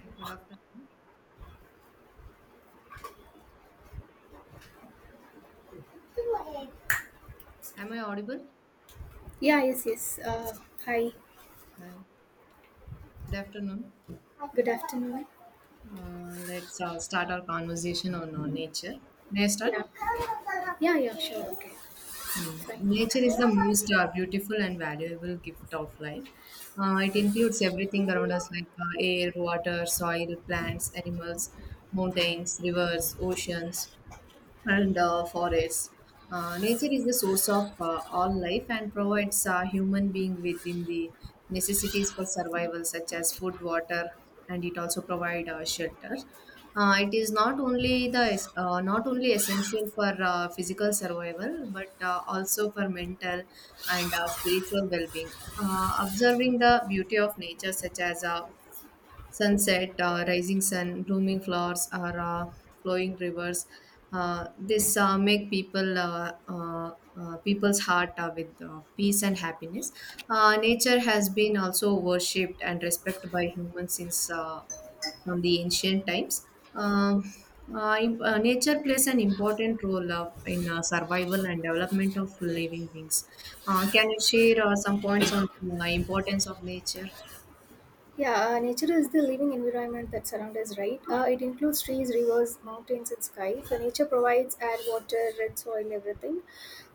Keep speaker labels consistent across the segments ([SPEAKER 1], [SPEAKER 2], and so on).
[SPEAKER 1] Hi, good afternoon. Am I audible?
[SPEAKER 2] Yeah, yes, yes. Hi,
[SPEAKER 1] Hi. Good afternoon.
[SPEAKER 2] good afternoon.
[SPEAKER 1] Let's start our conversation on nature. May I start?
[SPEAKER 2] Yeah, yeah, yeah, sure, okay,
[SPEAKER 1] Mm.
[SPEAKER 2] fine.
[SPEAKER 1] Nature is the most beautiful and valuable gift of life. It includes everything around us like air, water, soil, plants, animals, mountains, rivers, oceans, and forests. Nature is the source of all life and provides a human being within the necessities for survival, such as food, water, and it also provides shelter. It is not only not only essential for physical survival, but also for mental and spiritual well-being. Observing the beauty of nature, such as sunset, rising sun, blooming flowers, or flowing rivers. This make people's heart with peace and happiness. Nature has been also worshipped and respected by humans since from the ancient times. Um, Nature plays an important role in survival and development of living beings. Can you share some points on the importance of nature?
[SPEAKER 2] Yeah, nature is the living environment that surrounds us, right? It includes trees, rivers, mountains, and sky. So nature provides air, water, red soil, everything.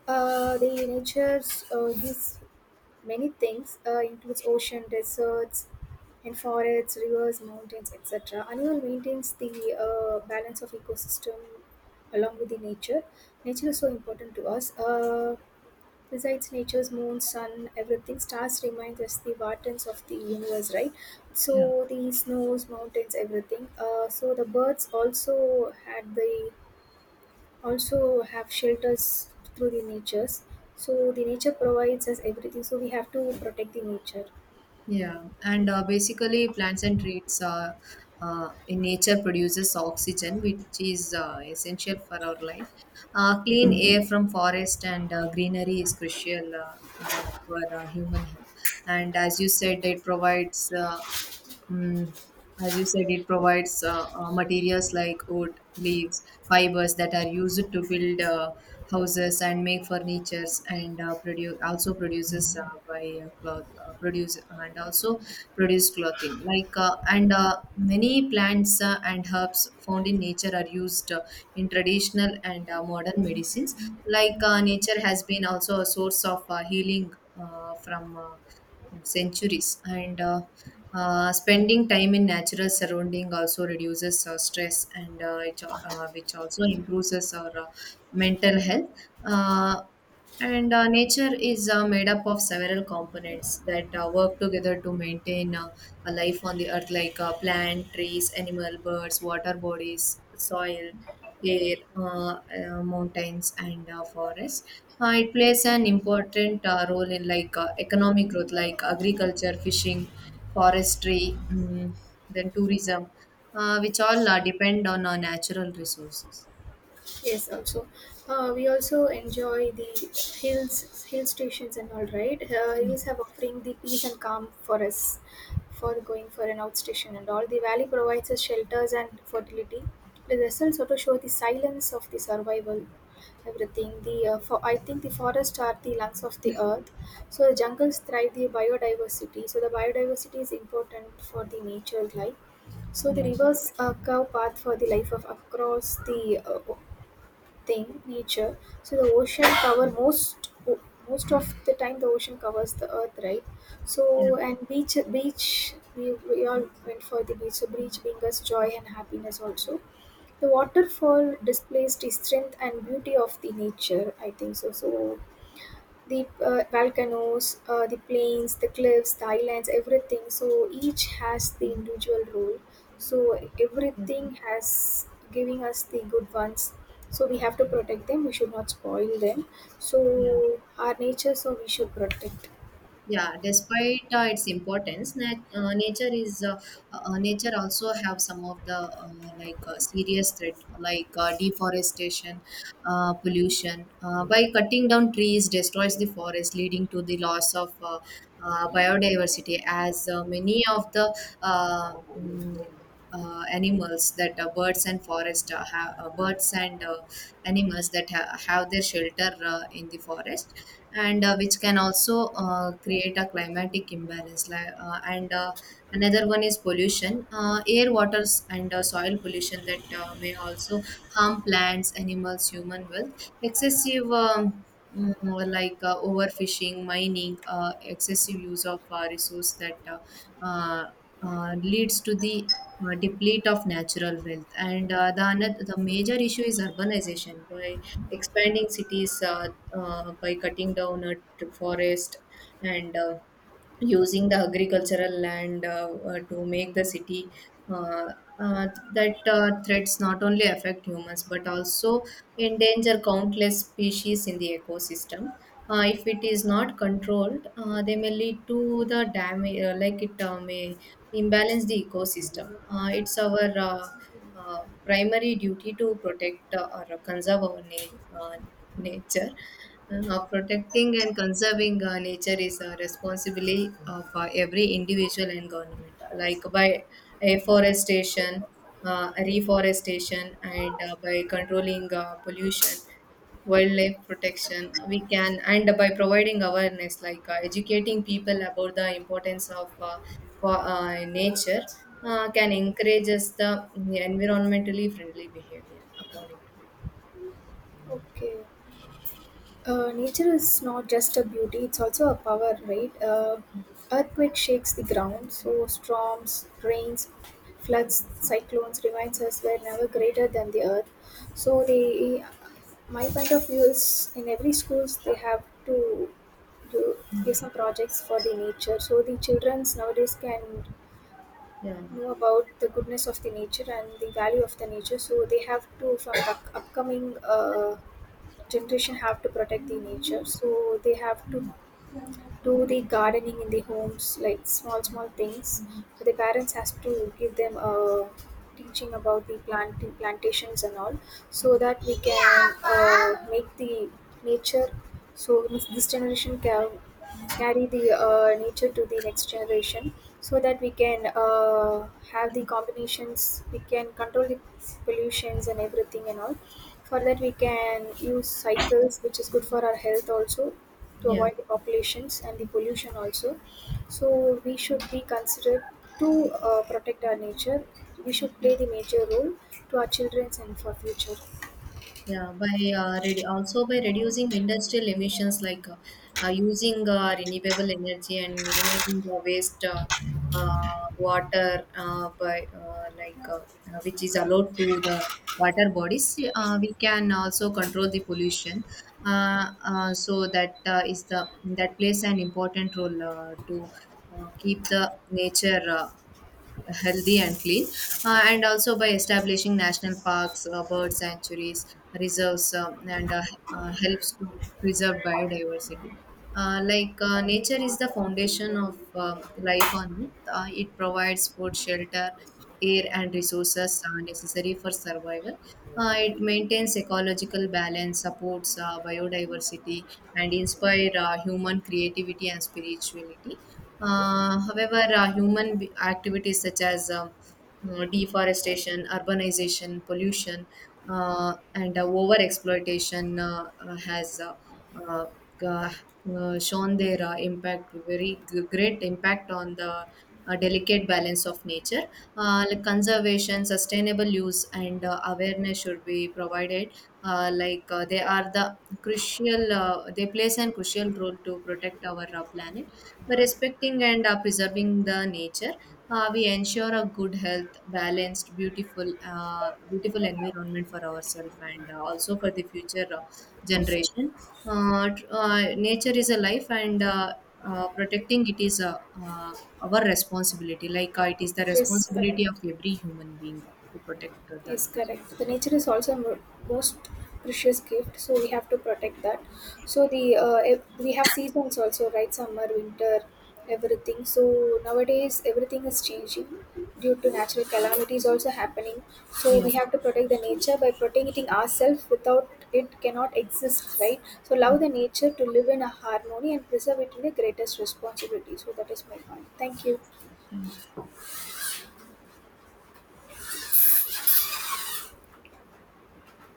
[SPEAKER 2] The nature gives many things, includes ocean, deserts and forests, rivers, mountains, etc. Animal maintains the balance of ecosystem along with the nature. Nature is so important to us. Besides, nature's moon, sun, everything, stars remind us the wardens of the universe, right?
[SPEAKER 1] Yeah.
[SPEAKER 2] So the snows, mountains, everything. So the birds also had the also have shelters through the natures. So the nature provides us everything, so we have to protect the nature.
[SPEAKER 1] Yeah, and basically, plants and trees in nature produces oxygen, which is essential for our life. Clean air from forest and greenery is crucial for human health. And as you said, it provides Mm, as you said, it provides materials like wood, leaves, fibers that are used to build houses and make furnitures, and produce also produces by cloth produce and also produce clothing. And many plants and herbs found in nature are used in traditional and modern medicines. Nature has been also a source of healing from centuries and spending time in natural surrounding also reduces stress and which also improves us our mental health. Uh, and Nature is made up of several components that work together to maintain a life on the earth, like plant, trees, animal, birds, water bodies, soil, air, mountains, and forests. It plays an important role in economic growth, like agriculture, fishing, forestry, then tourism, which all depend on natural resources.
[SPEAKER 2] Yes, also. We also enjoy the hills, hill stations and all, right? Hills have offering the peace and calm for us for going for an outstation and all. The valley provides us shelters and fertility. The results also show the silence of the survival, everything. I think the forests are the lungs of the earth. So the jungles thrive the biodiversity. So the biodiversity is important for the nature life. So the
[SPEAKER 1] Yeah,
[SPEAKER 2] rivers curve path for the life of across the nature. So the ocean cover most of the time the ocean covers the earth, right?
[SPEAKER 1] yeah,
[SPEAKER 2] So. And beach we all went for the beach. So beach brings us joy and happiness also. The waterfall displays the strength and beauty of the nature, I think so. So the volcanoes, the plains, the cliffs, the islands, everything. So each has the individual role. So
[SPEAKER 1] yeah,
[SPEAKER 2] everything has giving us the good ones. So we have to protect them. We should not spoil them.
[SPEAKER 1] yeah.
[SPEAKER 2] So our nature. So we should protect.
[SPEAKER 1] Yeah, despite its importance, nature is nature also have some of the serious threat like deforestation, pollution. By cutting down trees, destroys the forest, leading to the loss of biodiversity. As many of the uh, mm, animals that birds and forest have birds and animals that have their shelter in the forest and which can also create a climatic imbalance . And another one is pollution air waters and soil pollution that may also harm plants animals human wealth excessive overfishing mining excessive use of resource that uh, leads to the deplete of natural wealth. And the major issue is urbanization. By expanding cities, by cutting down forest, and using the agricultural land to make the city uh, uh, that threats not only affect humans but also endanger countless species in the ecosystem. If it is not controlled, they may lead to the damage, like it may imbalance the ecosystem. It's our primary duty to protect or conserve our nature. Protecting and conserving nature is a responsibility of every individual and government, like by afforestation, reforestation, and by controlling pollution, wildlife protection. We can, and by providing awareness, educating people about the importance of nature, can encourage us the environmentally friendly behavior, according to.
[SPEAKER 2] Okay. Nature is not just a beauty, it's also a power, right? Earthquake shakes the ground. So storms, rains, floods, cyclones reminds us we're never greater than the earth. So they, my point of view is in every schools they have to do, give some projects for the nature. So the childrens nowadays can
[SPEAKER 1] Yeah,
[SPEAKER 2] know about the goodness of the nature and the value of the nature. So they have to, from the upcoming generation, have to protect the nature, so they have to do the gardening in the homes, like small small things. So the parents has to give them a teaching about the planting, plantations and all, so that we can make the nature. So this generation can carry the nature to the next generation, so that we can have the combinations, we can control the pollutions and everything and all. For that we can use cycles, which is good for our health also, to
[SPEAKER 1] yeah.
[SPEAKER 2] avoid the populations and the pollution also. So we should be considered to protect our nature. We should play the major role to our children's and for future.
[SPEAKER 1] Yeah, by also by reducing industrial emissions like using renewable energy and minimizing the waste uh, water by which is allowed to the water bodies, we can also control the pollution. So that is the that plays an important role to keep the nature healthy and clean, and also by establishing national parks, bird sanctuaries, reserves, and helps to preserve biodiversity. Nature is the foundation of life on Earth. It provides food, shelter, air, and resources necessary for survival. It maintains ecological balance, supports biodiversity, and inspire human creativity and spirituality. However, activities such as deforestation, urbanization, pollution, and over exploitation has uh, uh, shown their impact, very great impact on the delicate balance of nature. Conservation, sustainable use, and awareness should be provided. They are the crucial, they plays an crucial role to protect our planet by respecting and preserving the nature. We ensure a good health balanced beautiful environment for ourselves and also for the future generation. uh, tr- uh, Nature is a life and protecting it is our responsibility. It is the
[SPEAKER 2] Yes,
[SPEAKER 1] responsibility of
[SPEAKER 2] correct.
[SPEAKER 1] every human being to protect the
[SPEAKER 2] Yes,
[SPEAKER 1] nature.
[SPEAKER 2] correct. The nature is also most precious gift, so we have to protect that. So the we have seasons also, right? Summer, winter, everything. So nowadays everything is changing due to natural calamities also happening. So
[SPEAKER 1] Yeah.
[SPEAKER 2] we have to protect the nature by protecting ourselves. Without it, cannot exist, right? So love the nature to live in a harmony and preserve it in the greatest responsibility. So that is my point. Thank you.